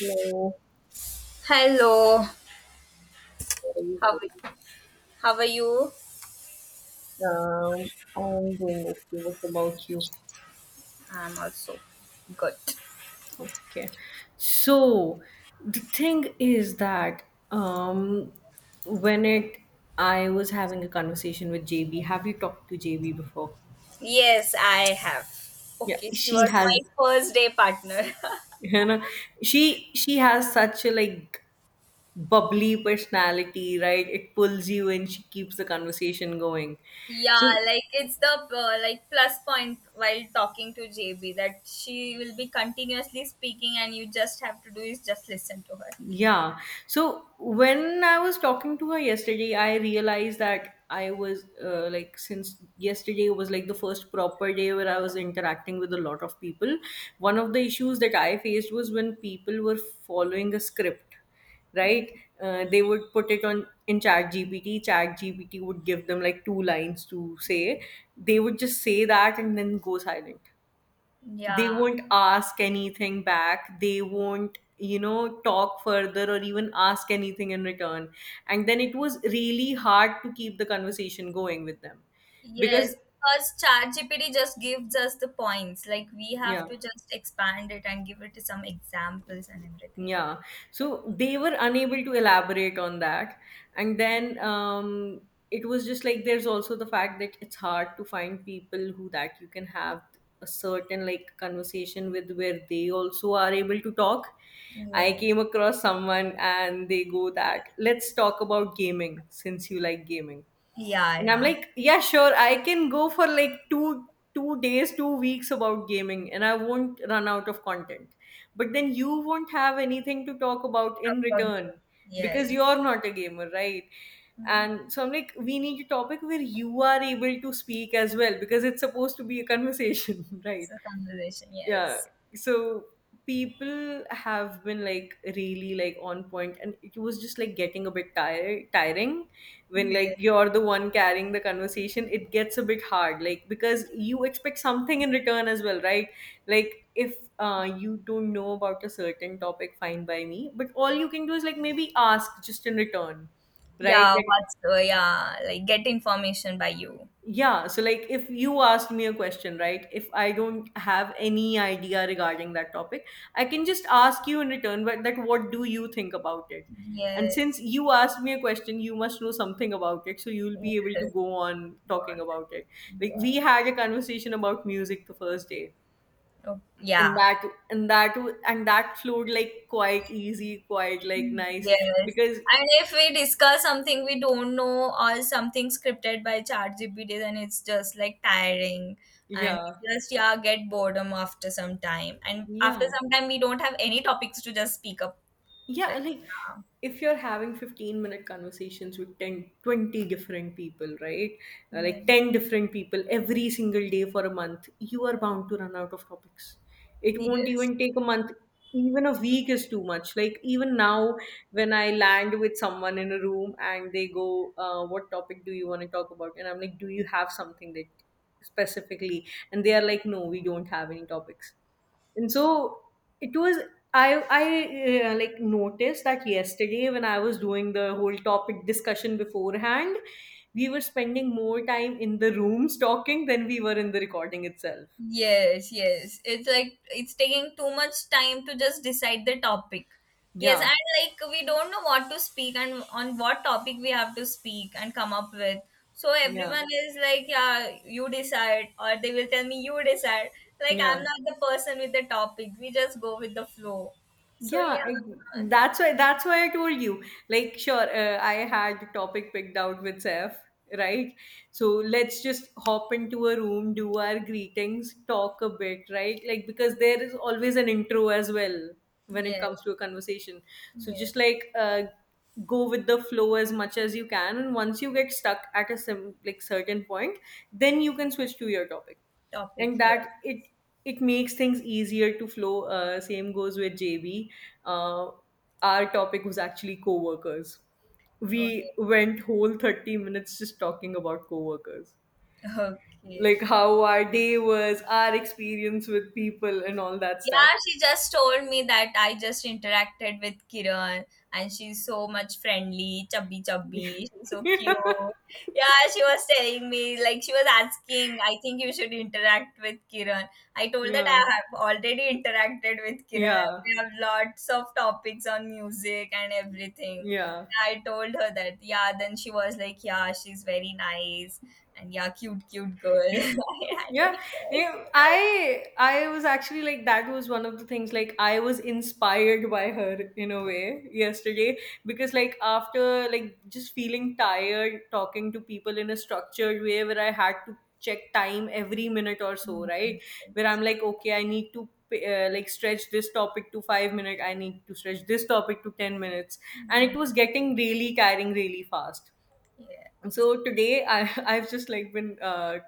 Hello, Hello, how are you how are you? How are you? doing? I'm doing okay. What about you? I'm also good. Okay. So the thing is that um, when it I was having a conversation with JB. Have you talked to JB before? Yes, I have. Yeah, Okay, she she was has. my first day partner. You know, she has such a like bubbly personality, right? It pulls you in. She keeps the conversation going. So Yeah, like it's the like plus point while talking to JB that she will be continuously speaking and you just have to do is just listen to her. yeah. So when I was talking to her yesterday, I realized that I was like, since yesterday was like the first proper day where I was interacting with a lot of people, one of the issues that I faced was when people were following a script, right? Okay. They would put it on in chat gpt would give them like two lines to say. They would just say that and then go silent. They Yeah. won't ask anything back, they won't talk further or even ask anything in return, and then it was really hard to keep the conversation going with them because Yes, because ChatGPT just gives us the points. Like we yeah. have to just expand it and give it some examples and everything. Yeah. So they were unable to elaborate on that. And then it was just like there's also the fact that it's hard to find people who that you can have a certain like conversation with where they also are able to talk. I Yes. came across someone and they go that let's talk about gaming since you like gaming, Yeah, and I'm yeah. like, yeah, sure, I can go for like two days, 2 weeks about gaming and I won't run out of content, but then you won't have anything to talk about in About return you. because Yes. you're not a gamer, right? And Yes. so I'm like, we need a topic where you are able to speak as well because it's supposed to be a conversation right? It's a conversation. Yeah. Yes. So people have been like really like on point and it was just like getting a bit tire tiring when like Yes. you're the one carrying the conversation. It gets a bit hard like because you expect something in return as well, right? Like if you don't know about a certain topic, fine by me, but all you can do is like maybe ask just in return, right? Yeah. That. What's yeah? Like get information by you. Yeah, so like if you ask me a question, right? If I don't have any idea regarding that topic, I can just ask you in return, but that what do you think about it? And since Yes. you asked me a question, you must know something about it, so you'll be able to Yes. go on talking about it. Like Yeah. we had a conversation about music the first day. Oh, And yeah. that and that flowed like quite easy, quite like Mm. nice Yes. because And if we discuss something we don't know or something scripted by ChatGPT, then it's just like tiring and yeah. we just yeah get boredom after some time. And after Yeah. some time, we don't have any topics to just speak up with. Yeah, like Yeah. if you're having 15-minute conversations with 10, 20 different people, right? Yeah. Like 10 different people every single day for a month, you are bound to run out of topics. It won't Yes. even take a month, even a week is too much. Like, even now, when I land with someone in a room and they go what topic do you want to talk about, and I'm like, do you have something that specifically, and they are like, no, we don't have any topics. And so it was I I like noticed that yesterday when I was doing the whole topic discussion beforehand, we were spending more time in the rooms talking than we were in the recording itself. Yes, yes. It's like it's taking too much time to just decide the topic. Yes, Yeah. and like we don't know what to speak and on what topic we have to speak and come up with. So Yeah. everyone is like, yeah, you decide, or they will tell me you decide. Like I'm Yeah. not the person with the topic. We just go with the flow. So Yeah, yeah. that's why I told you. Like, sure, I had the topic picked out with Seth, right? So let's just hop into a room, do our greetings, talk a bit, right? Like, because there is always an intro as well when it Yes, comes to a conversation. So just yes. like go with the flow as much as you can, and once you get stuck at a like certain point, then you can switch to your topic, Topic, and that yes. it makes things easier to flow. Same goes with JB. Uh, our topic was actually co-workers. Okay. We went whole 30 minutes just talking about co-workers. Like Okay. how our day was, our experience with people and all that stuff. Yeah, she just told me that I just interacted with Kiran and she's so much friendly, chubby chubby, she's so cute. Yeah, she was telling me, like she was asking, I think you should interact with Kiran. I told that Yeah. I have already interacted with Kiran. Yeah. We have lots of topics on music and everything. Yeah. Yeah, I told her that, yeah, then she was like, yeah, she's very nice and yeah, cute, cute girl. I Yeah, don't I was actually like that was one of the things. Like, I was inspired by her in a way yesterday because like after like just feeling tired talking to people in a structured way where I had to check time every minute or so, right? Where guess. I'm like, okay, I need to like stretch this topic to 5 minutes, I need to stretch this topic to 10 minutes, and it was getting really tiring really fast. Yeah, So today I, I've just like been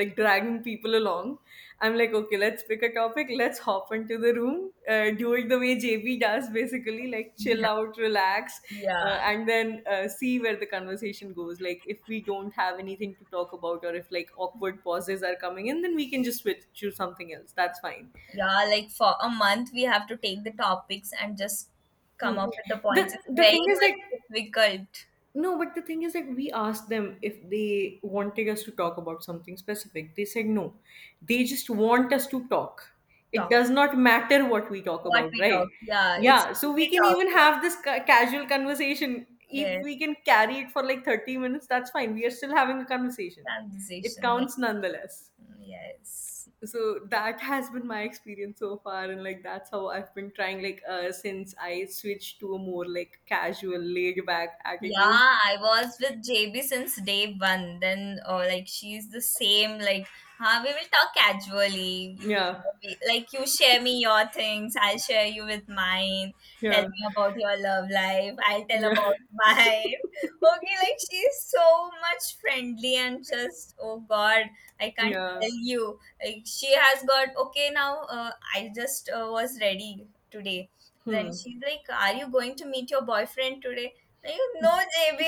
like dragging people along. I'm like, okay, let's pick a topic, let's hop into the room, do it the way JB does, basically like chill yeah, out, relax, yeah. and then see where the conversation goes. Like if we don't have anything to talk about, or if like awkward pauses are coming in, then we can just switch to something else, that's fine. Yeah, like for a month, we have to take the topics and just Hmm. come up with the the points. It's the very thing is like, much difficult no, but the thing is, like, we asked them if they wanted us to talk about something specific. They said no. They just want us to talk. It talk. does not matter what we talk What about, we talk, right? yeah, it's Yeah. So we we can talk, even have this casual conversation. yeah, If yes, we can carry it for like 30 minutes, that's fine. We are still having a conversation. It conversation, yeah, counts nonetheless. mm, yes. So that has been my experience so far, and like that's how I've been trying. Like, since I switched to a more like casual, laid back Yeah, attitude. I was with JB since day one. Then, oh, like she's the same. Like, huh, we will talk casually. Yeah. You, like, you share me your things. I'll share you with mine. Tell Yeah, me about your love life. I'll tell yeah, about mine. Okay, like she's so much friendly and just oh God, I can't yeah. tell you. Like she has got okay now. I just was ready today. Then Hmm. she's like, "Are you going to meet your boyfriend today?" You know, JB,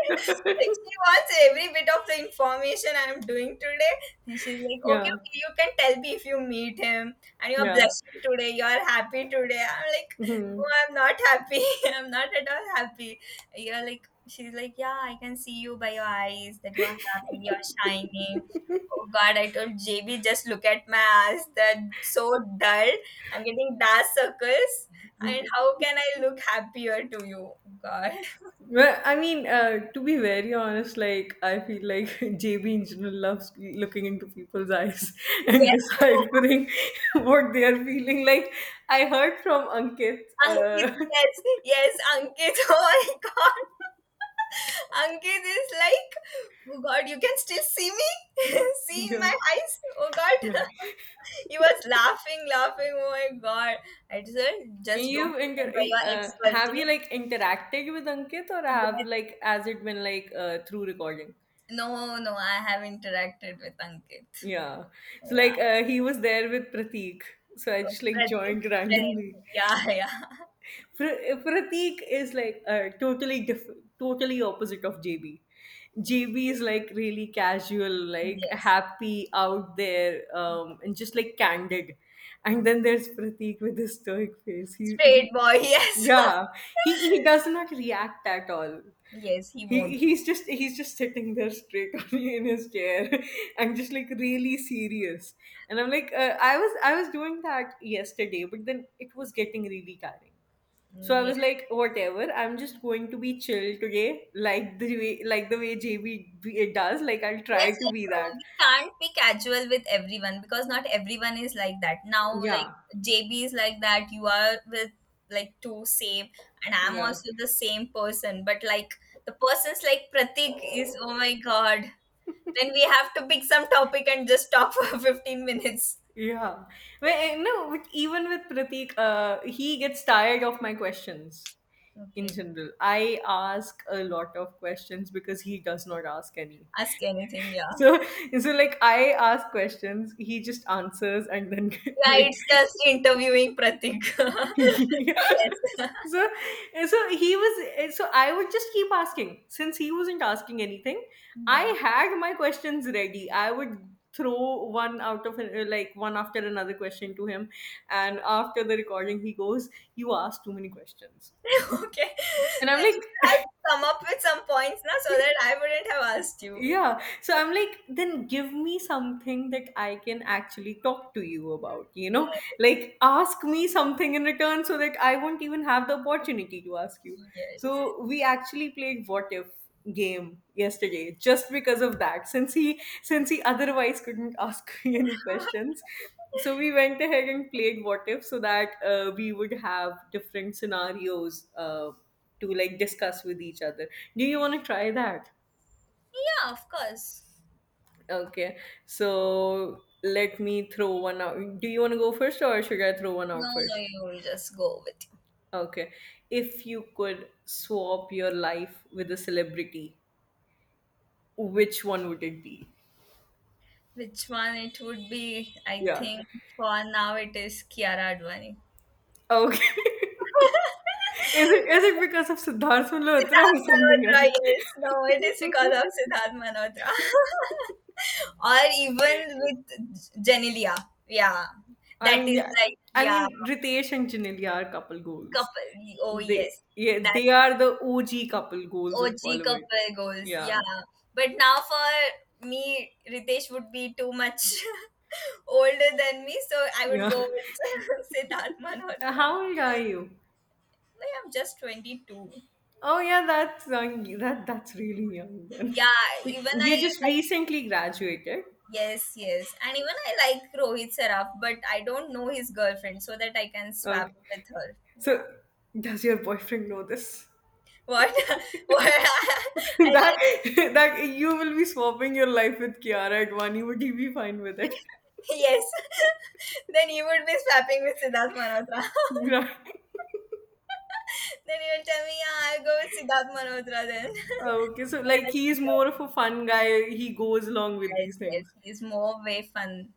like, she wants every bit of the information I'm doing today. And she's like, okay, Yeah, okay, you can tell me if you meet him and you're yeah. blushing today, you're happy today. I'm like, Hmm. no, I'm not happy. I'm not at all happy. You're like, she's like, yeah, I can see you by your eyes that you are happy, you're shining. Oh God, I told JB, just look at my eyes. They're so dull. I'm getting dark circles. And how can I look happier to you? Oh God. Well, I mean, to be very honest, like I feel like JB in general loves looking into people's eyes and Yes, deciphering what they are feeling. Like, I heard from Ankit. Ankit, Uh, yes, yes, Ankit. Oh my god, Ankit is like, oh god, you can still see me, see in yeah, my eyes. Oh god, yeah. he was laughing, laughing. Oh my god, I said, just don't You've inter- remember your ex have you girlfriend. like interacted with Ankit, or have Yes, like as it been like through recording? no, no, I have interacted with Ankit. Yeah. So Yeah, like he was there with Pratik. So I just like Pratik joined Jain. randomly. Yeah, yeah, Pra- Pratik is like totally different, totally opposite of JB. JB is like really casual, like yes, happy out there, and just like candid. And then there's Pratik with his stoic face. He straight boy. Yes, Yeah, he does not react at all. yes, he he won't. he's just he's just sitting there straight on in his chair and just like really serious, and I'm like, I was doing that yesterday, but then it was getting really tiring. So I Yes. was like, whatever, I'm just going to be chill today, like the way, like the way JB it does. Like, I'll try Yes, to like be that. we can't be casual with everyone because not everyone is like that. Now, like Yeah. JB is like that. You are with like two same, and I'm Yeah. also the same person. But like the person's like Pratik is oh my god. Then we have to pick some topic and just talk for 15 minutes. Yeah. Well, eh, no, with, even with Pratik, he gets tired of my questions in Okay, general. I ask a lot of questions because he does not ask any. ask anything. Yeah, So, so like I ask questions, he just answers, and then yeah. like It's just interviewing Pratik. yeah. Yes. So, so he was. So I would just keep asking. Since he wasn't asking anything, I Yeah. had my questions ready. I would throw one out of like one after another question to him, and after the recording, he goes, "You asked too many questions," Okay. and I'm I just have like. to come up with some points now so that I wouldn't have asked you. Yeah. So I'm like, then give me something that I can actually talk to you about, you Yeah, know? Like, ask me something in return so that I won't even have the opportunity to ask you. yes. So we actually played what if game yesterday just because of that, since he otherwise couldn't ask me any questions, so we went ahead and played what if so that we would have different scenarios to like discuss with each other. Do you want to try that? Yeah, of course. Okay, so let me throw one out. Do you want to go first or should I throw one No, out no, first? you will just go with Okay, if you could swap your life with a celebrity, which one would it be? which one it would be. I Yeah. think for now it is Kiara Advani. Okay. Is it because of Siddharth Malhotra Siddharth or something Malhotra, else? yes. No, it is because of Siddharth Malhotra. or even with Jenilia. Yeah, I that mean, is yeah. like I yeah, mean, Ritesh and Janelia are couple goals. couple. Oh They yes, yeah, that they are the OG couple goals of OG Bollywood. couple goals. Yeah. Yeah, but now for me, Ritesh would be too much. Older than me, so I would Yeah. go with Siddharth Malhotra. How old are you? Like, I'm just 22. Oh yeah, that's young. That's really young then. Yeah, Like, even I you just like, recently graduated. yes, yes. And even I like Rohit Saraf, but I don't know his girlfriend so that I can swap Okay. with her. Yeah. So does your boyfriend know this? What? What? I that like, that you will be swapping your life with Kiara at one. Would he be fine with it? yes. Then he would be swapping with Siddharth Malhotra. Right. Then he will tell me, yeah, I'll go with Siddharth Malhotra then. Okay. So like he's more So, of a fun guy. He goes along with yes, these yes. things. He's more way fun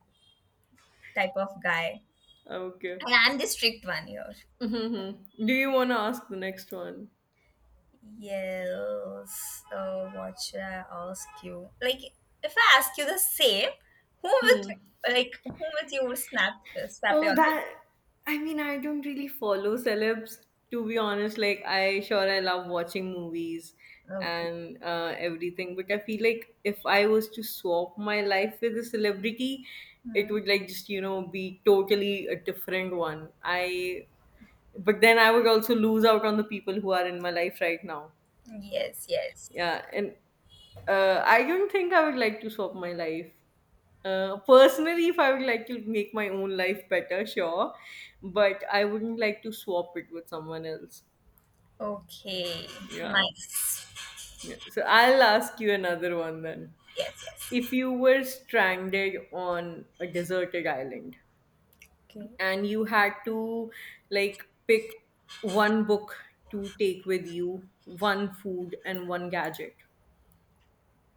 type of guy. Okay. And I'm the strict one here. Hmm. Do you want to ask the next one? Yes. What should I ask you? Like, if I ask you the same, who Hmm. would like whom would you would snap snap your Oh, like? that. I mean, I don't really follow celebs, to be honest. Like, I sure I love watching movies Okay. and everything, but I feel like if I was to swap my life with a celebrity, it Hmm. would like just be totally a different one. But then I would also lose out on the people who are in my life right now. Yes. Yes. Yeah, and I don't think I would like to swap my life personally. If I would like to make my own life better, sure, but I wouldn't like to swap it with someone else. Okay. Yeah. Nice. Yeah, so I'll ask you another one then. Yes. Yes. If you were stranded on a deserted island Okay. and you had to like pick one book to take with you, one food and one gadget,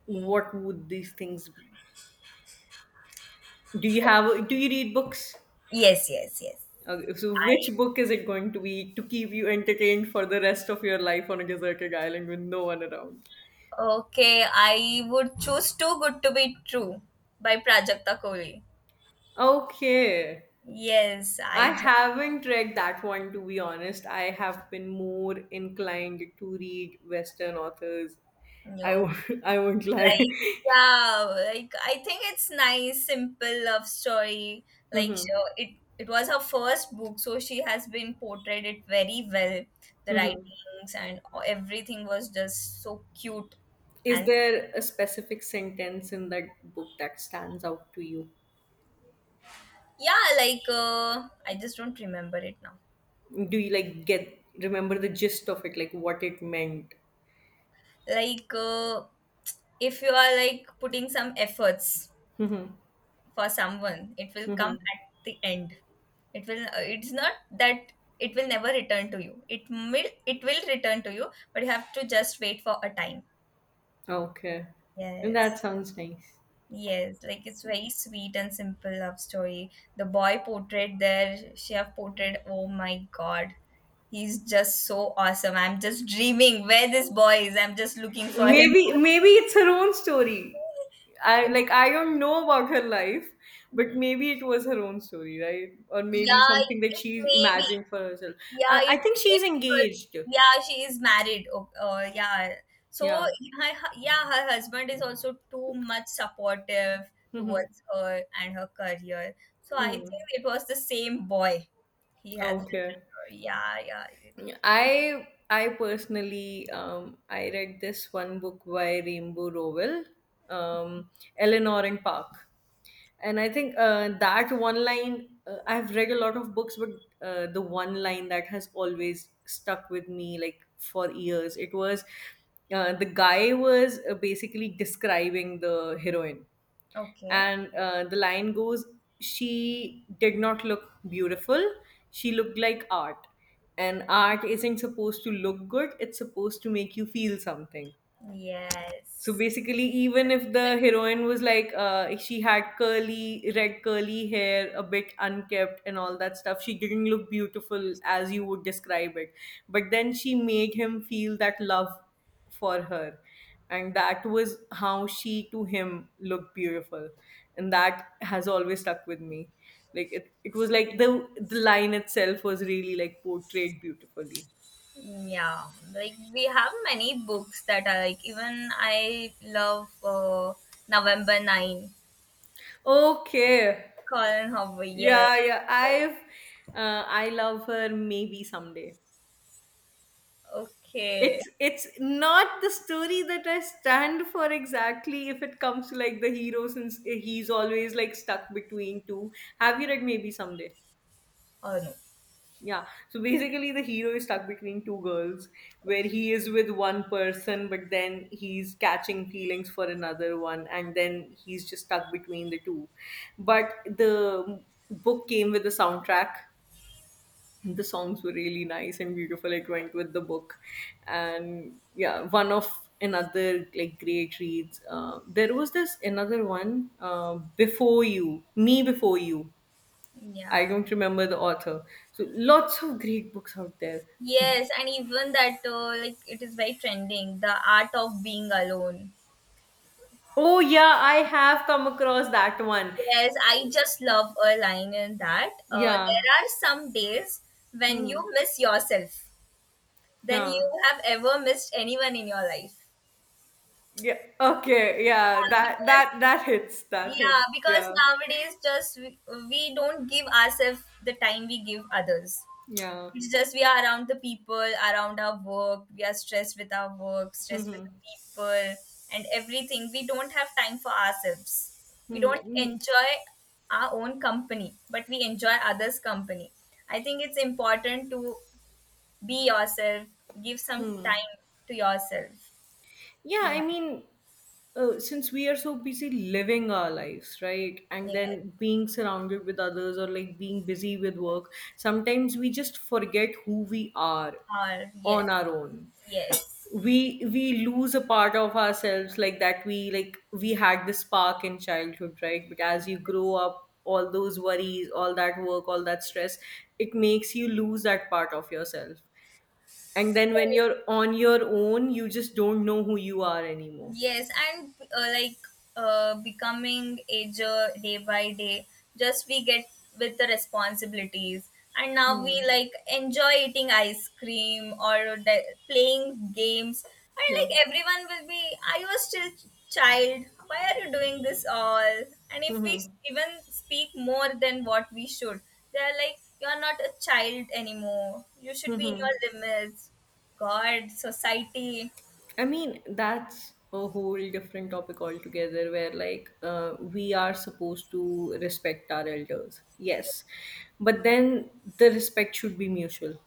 what would these things be? Do you read books? Yes. Yes. Yes. Okay, so which I. book is it going to be to keep you entertained for the rest of your life on a deserted island with no one around? Okay. I would choose "Too Good to Be True" by Prajakta Kohli. Okay. Yes. I I. haven't read that one, to be honest. I have been more inclined to read Western authors. I No. won't, I won't lie. Like, yeah, like I think it's nice, simple love story. Like, Mhm, so it was her first book, so she has been portrayed it very well. The mhm. writings and everything was just so cute, Is and there a specific sentence in that book that stands out to you? yeah, like I just don't remember it now. Do you like get remember the gist of it, like what it meant? Like, if you are like putting some efforts Mhm, for someone it will come mhm. at the end. It will it's not that it will never return to you. It will it will return to you, but you have to just wait for a time. Okay. That Yes, sounds nice. yes, like it's very sweet and simple love story. The boy portrayed there, she have portrayed, oh my god, he's just so awesome. I'm just dreaming where this boy is. I'm just looking for him. Maybe maybe it's her own story. I like I don't know about her life, but maybe it was her own story, right? Or Yeah, maybe something that it she may be. imagined for herself. Yeah, I it think came she's because engaged. yeah, she is married. Oh, yeah. So Yeah. her, yeah, her husband is also too much supportive Hmm. towards her and her career. So I Hmm. think it was the same boy he has written Okay. her. Yeah, yeah. I personally, I read this one book by Rainbow Rowell, um, Eleanor and Park, and I think that one line, I've read a lot of books, but the one line that has always stuck with me like for years, it was, the guy was basically describing the heroine, Okay. and the line goes, she did not look beautiful, she looked like art, and art isn't supposed to look good, it's supposed to make you feel something. So Yes. basically, even if the Like heroine was like, she had curly, red curly hair, a bit unkempt, and all that stuff, she didn't look beautiful as you would describe it. But then she made him feel that love for her. And that was how she to him looked beautiful. And that has always stuck with me. Like it was like the line itself was really like portrayed beautifully. yeah, like we have many books that are like even I love November 9, Okay. Colin Hoover. Yes. Yeah, yeah. I love her maybe someday. Okay. It's not the story that I stand for exactly if it comes to like the hero since he's always like stuck between two. Have you read maybe someday? Oh no. Yeah. So basically the hero is stuck between two girls where Okay. he is with one person but then he's catching feelings for another one and then he's just stuck between the two. But the book came with a soundtrack, the songs were really nice and beautiful, it went with the book. And yeah, one of another like great reads, there was this another one, before you, me before you. I Yeah. don't remember the author. So lots of great books out there. Yes, and even that like it is very trending. The art of being alone. Oh yeah, I have come across that one. Yes, I just love a line in that. There Yeah. are some days when you Hmm. miss yourself than Yeah. you have ever missed anyone in your life. Yeah, okay, yeah, Yeah, that because that that hits, that hits. yeah, because Yeah. nowadays just we don't give ourselves the time we give others. Yeah. It's just we are around the people, around our work. We are stressed with our work, stressed with Hmm. the people, and everything. We don't have time for ourselves. We Hmm. don't Hmm. enjoy our own company, but we enjoy others' company. I think it's important to be yourself, give some Hmm. time to yourself. Yeah, Yeah. I mean, since we are so busy living our lives, right? And Yes. then being surrounded with others or like being busy with work, sometimes we just forget who we are Or on yes. our own. Yes. We lose a part of ourselves like that, we like we had the spark in childhood, right? But as you grow Yes. up, all those worries, all that work, all that stress, it makes you lose that part of yourself. And Yes. then when you're on your own, you just don't know who you are anymore. Yes, and like becoming ager day by day, just we get with the responsibilities. And now we Hmm. like enjoy eating ice cream or playing games. And Yeah. like everyone will be, I was still child. Why are you doing this all? And if we Mm-hmm. even speak more than what we should, they're like, you are not a child anymore. You should be in Mm-hmm. your limits. God, society. I mean, that's a whole different topic altogether where, like, we are supposed to respect our elders. Ye- Yes. But then the respect should be mutual.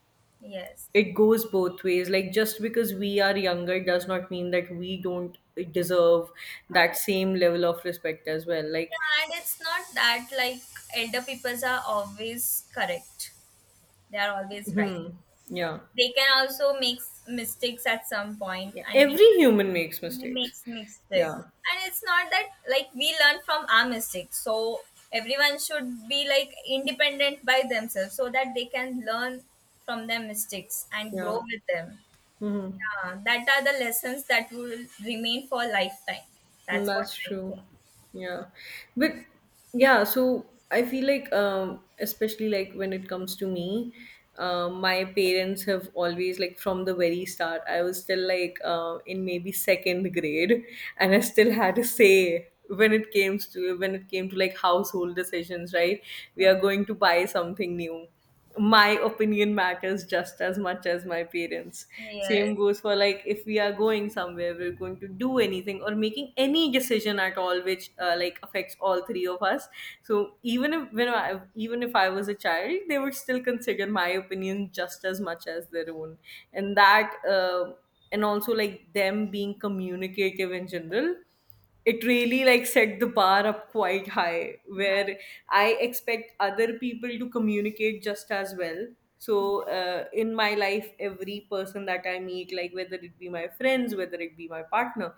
Yes. It goes both ways. Like, just because we are younger does not mean that we don't deserve that And same level of respect as well. Like, yeah, and it's not that like elder peoples are always correct. They are always right. hmm. Yeah. They can also make mistakes at some point, Yeah. and Every human makes we mistakes. make mistakes. Yeah. And it's not that like we learn from our mistakes. So everyone should be like independent by themselves, so that they can learn from their mistakes and Yeah. grow with them. Hmm. Yeah, that are the lessons that will remain for lifetime. Mm, That's what that's I think. true. Yeah. But yeah, so I feel like, um, especially like when it comes to me, um, my parents have always like from the very start, I was still like in maybe second grade, and I still had a say when it came to like household decisions, right? We Yeah. are going to buy something new, my opinion matters just as much as my parents. Okay. Same Yes. goes for like if we are going somewhere, we're going to do anything or making any decision at all, which like affects all three of us. So even if I was a child, they would still consider my opinion just as much as their own. And that and also like them being communicative in general, it really like set the bar up quite high, Hi. where I expect other people to communicate just as well. So in my life, every person that I meet, like whether it be my friends, whether it be my partner,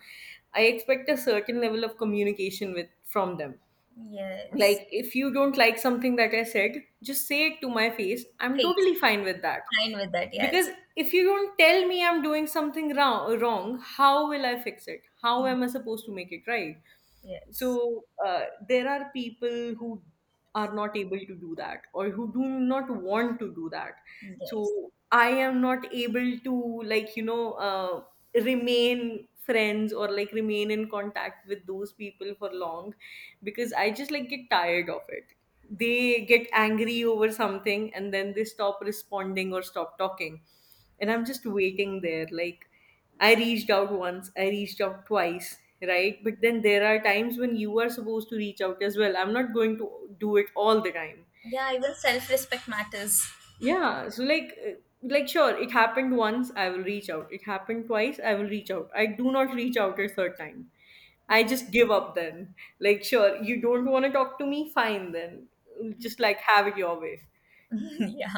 I expect a certain level of communication with from them. Yes. Like if you don't like something that I said, just say it to my face, I'm Face. totally fine with that. Fine with that. Because Yes. if you don't tell me I'm doing something wrong, how will I fix it, how Mm, am I supposed to make it right? yes. So there are people who are not able to do that or who do not want to do that. So Yes. I am not able to like remain friends or like remain in contact with those people for long, because I just like get tired of it. They get angry over something and then they stop responding or stop talking, and I'm just waiting there like, I reached out once, I reached out twice, right? But then there are times when you are supposed to reach out as well. I'm not going to do it all the time. Yeah, even self respect matters. Yeah, so like sure, it happened once, I will reach out, it happened twice, I will reach out, I do not reach out a third time, I Yeah. just give up then. Like sure, you don't want to talk to me, fine then, just like have it your way. Yeah.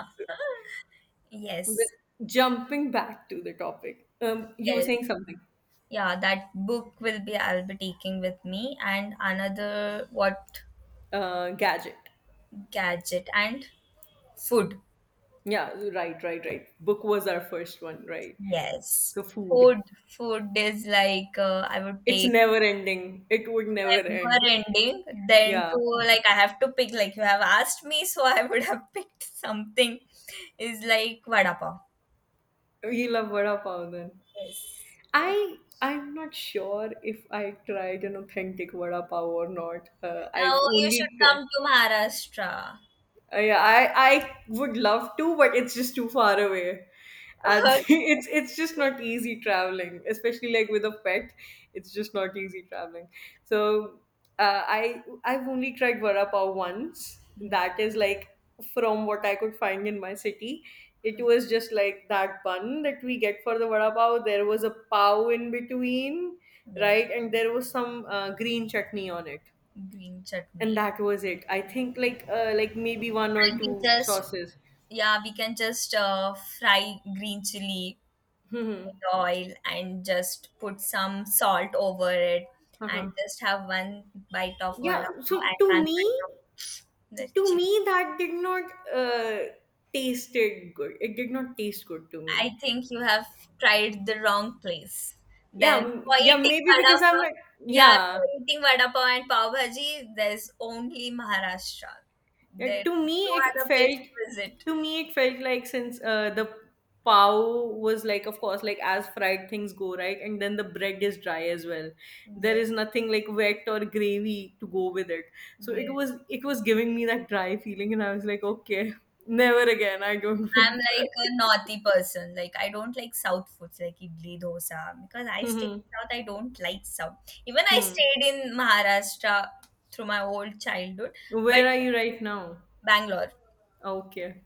Well, Yes. jumping back to the topic, you were Yes. saying something. Yeah, that book will be I'll be taking with me. And another what, Gadget. gadget and food. Yeah, right, right, right. Book was our first one, right? So Yes. food. Food food is like I would It's take never ending. It would never end. were ending then Yeah. to. Like I have to pick. Like you have asked me, so I would have picked something is like vada pav. We love vada pav then. Yes, I'm not sure if I tried an authentic vada pav or not. I've now you should only tried. come to Maharashtra. Yeah, I would love to, but it's just too far away, and it's just not easy traveling, especially like with a pet. It's just not easy traveling. So I've only tried vada pav once. That is like from what I could find in my city. It was just like that bun that we get for the vada pav. There was a pav in between, Yes, right? And there was some green chutney on it, green and chutney. that was it. I think like maybe one or And we two just sauces. yeah, we can just fry green chili Hmm. with oil and just put some salt over it Uh-huh. and just have one bite of Yeah. vada pav So and to one me, bite of the to chili. me that did not uh, tasted good. It did not taste good to me. I think you have tried the wrong place. Yeah. Then for Yeah. eating Maybe vada because I'm not. pav, yeah, Yeah. for eating vada pav and pav bhaji, there's only Maharashtra. Yeah, There to is me no it other place felt to visit. to me it felt like since the pow was like of course like as fried things go, right? And then the bread is dry as well, there Yeah, is nothing like wet or gravy to go with it. So it yeah. was it was giving me that dry feeling and I was like, okay, never again, I don't want I'm like a naughty person. Like I don't like South foods like idli, dosa because I stayed to. in South. I don't like South. Even I Hmm. Hmm. stayed in Maharashtra through my whole childhood, but Where are you right now? Bangalore. Okay.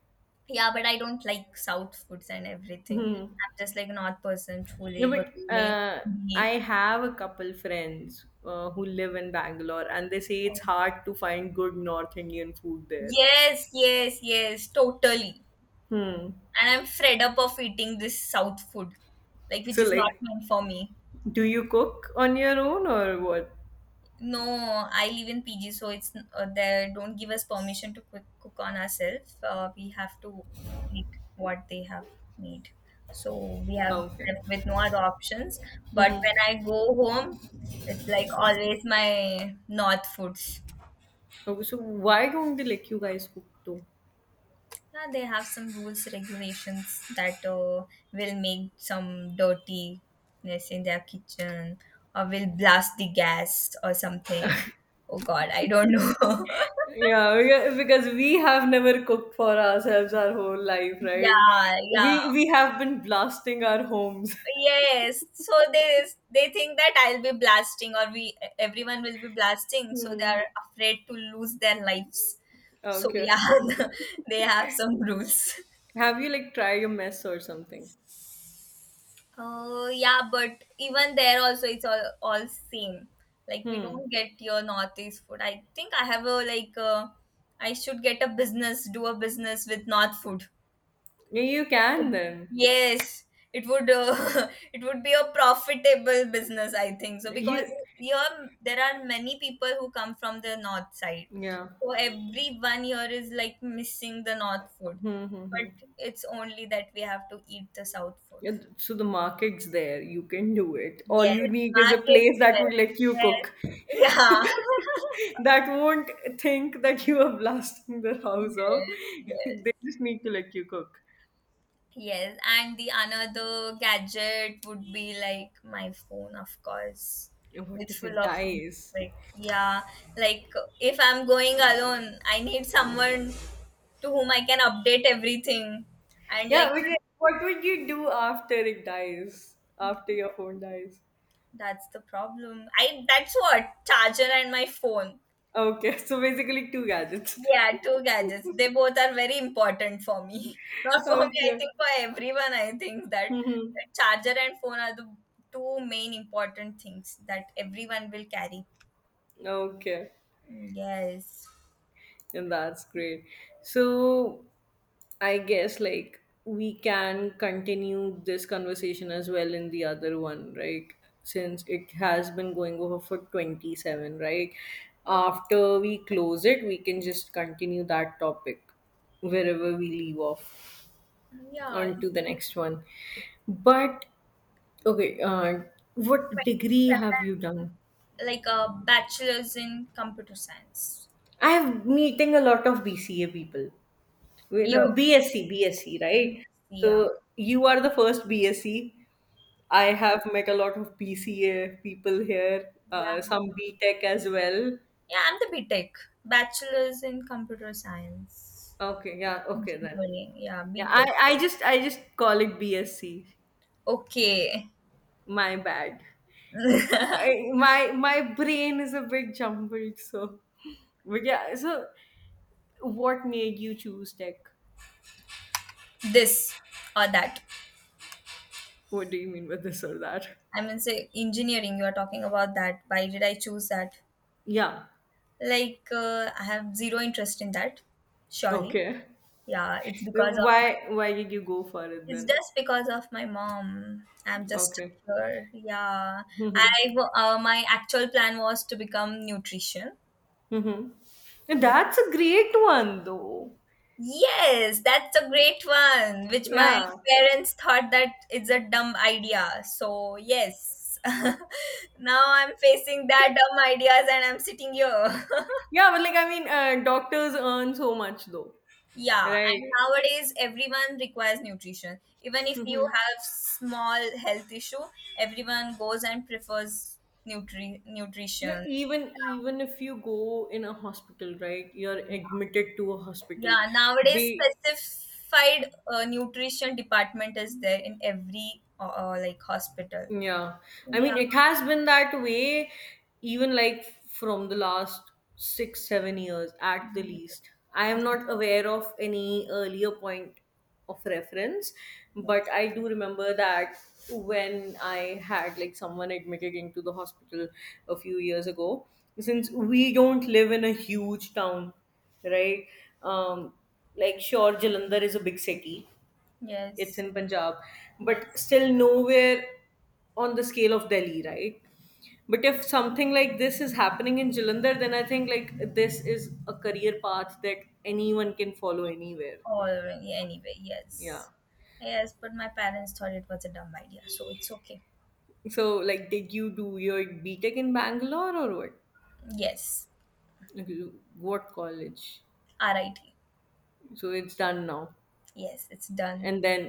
Yeah, but I don't like South foods and everything. Hmm. I'm just like a North person, No, chole, but bhature. I Idli. have a couple friends who live in Bangalore, and they say it's hard to find good North Indian food there. Yes, yes, yes, totally. Hmm. And I'm fed up of eating this South food, like which So, is not like, meant for me. do you cook on your own or what? No, I live in PG, so it's they don't give us permission to cook, cook on ourselves. We have to eat what they have made. So we have Okay. left with no other options. But when I go home, it's like always my north foods. Okay. So, why don't they let you guys cook too? Yeah, they have some rules, regulations that will make some dirtiness in their kitchen or will blast the gas or something. Oh God, I don't know. Yeah, because we have never cooked for ourselves our whole life, right? Yeah, yeah. We have been blasting our homes. Yes, so they think that I'll be blasting, or we everyone will be blasting, so they Hmm. are afraid to lose their lives. So Okay. yeah, they have some rules. Have you like tried a mess or something? Oh yeah, but even there also it's all same. Like we Hmm. don't get your northeast food. I think I have a like I should get a business, do a business with north food. Yeah, you can then. Yes, it would it would be a profitable business, I think. So because You here there are many people who come from the north side. yeah. So every 1 year like missing the north food. Hmm, hmm, hmm. But it's only that we have to eat the south food. Yeah, so the market's there. You can do it. All Yes, you need is a market place that would side. let you cook. Yes. Yeah. That won't think that you are blasting the house off. Yes, yes. They just need to let you cook. Yes, and the another gadget would be like my phone, of course, Yeah, what with if full it of dies? like yeah, like if I'm going alone, I need someone to whom I can update everything, and like Yeah, but then what would you do after it dies? After your phone dies? that's the problem. I that's what charger and my phone. Okay, so basically two gadgets. Yeah, two gadgets. They both are very important for me. Not for me, I Okay. think for everyone, I think that Hmm. Hmm. charger and phone are the two main important things that everyone will carry. Okay. Mm, yes. And that's great. So I guess like we can continue this conversation as well in the other one, right? Since it has been going over for 27, right? After we close it, we can just continue that topic wherever we leave off. Yeah, On to the next one. But okay, what degree 27, have you done? like a bachelor's in computer science. I have meeting a lot of BCA people. You Yo. know, BSc, BSc, right? Yeah. So you are the first BSc. I have met a lot of BCA people here, Yeah. Some B Tech as well. Yeah, I'm the B Tech. Bachelor's in computer science. Okay, yeah, okay then. Engineering. Yeah, Yeah, B Tech. I just call it BSc. Okay. My bad. My my brain is a bit jumbled, so but yeah. So, what made you choose tech? This or that. What do you mean by this or that? I mean, say engineering, you are talking about that. Why did I choose that? Yeah. Like, I have zero interest in that, surely. Okay. Yeah, it's because Then of my, why did you go for it it's then? just because of my mom. I'm just stuck Okay. here. Yeah, I Mm-hmm. My actual plan was to become nutrition. Mm-hmm. That's a great one though. Yes, that's a great one, which my Yeah. parents thought that it's a dumb idea. So, yes, now I'm facing that dumb ideas and I'm sitting here. Yeah, but like I mean, doctors earn so much though, Yeah, right? and nowadays everyone requires nutrition. Even if you Mm-hmm. have small health issue, everyone goes and prefers You know, nutrition. Even if you go in a hospital, right? You're admitted to a hospital. Yeah, nowadays They specified nutrition department is there in every like hospital. yeah. I Yeah. mean, it has been that way even like from the last 6, 7 years at the least. I am not aware of any earlier point of reference, but Yes, I do remember that when I had like someone admitted into the hospital a few years ago, since we don't live in a huge town, right? Um, like, sure, Jalandhar is a big city, it's yes, in Punjab, but yes. still nowhere on the scale of Delhi, right? But if something like this is happening in Jalandhar, then I think like this is a career path that anyone can follow anywhere. Already, anyway, Yeah. yes. Yes, but my parents thought it was a dumb idea, so it's okay. So like, did you do your B Tech in Bangalore or what? Yes, Like, you- what college? RIT. So it's done now. Yes, it's done. And then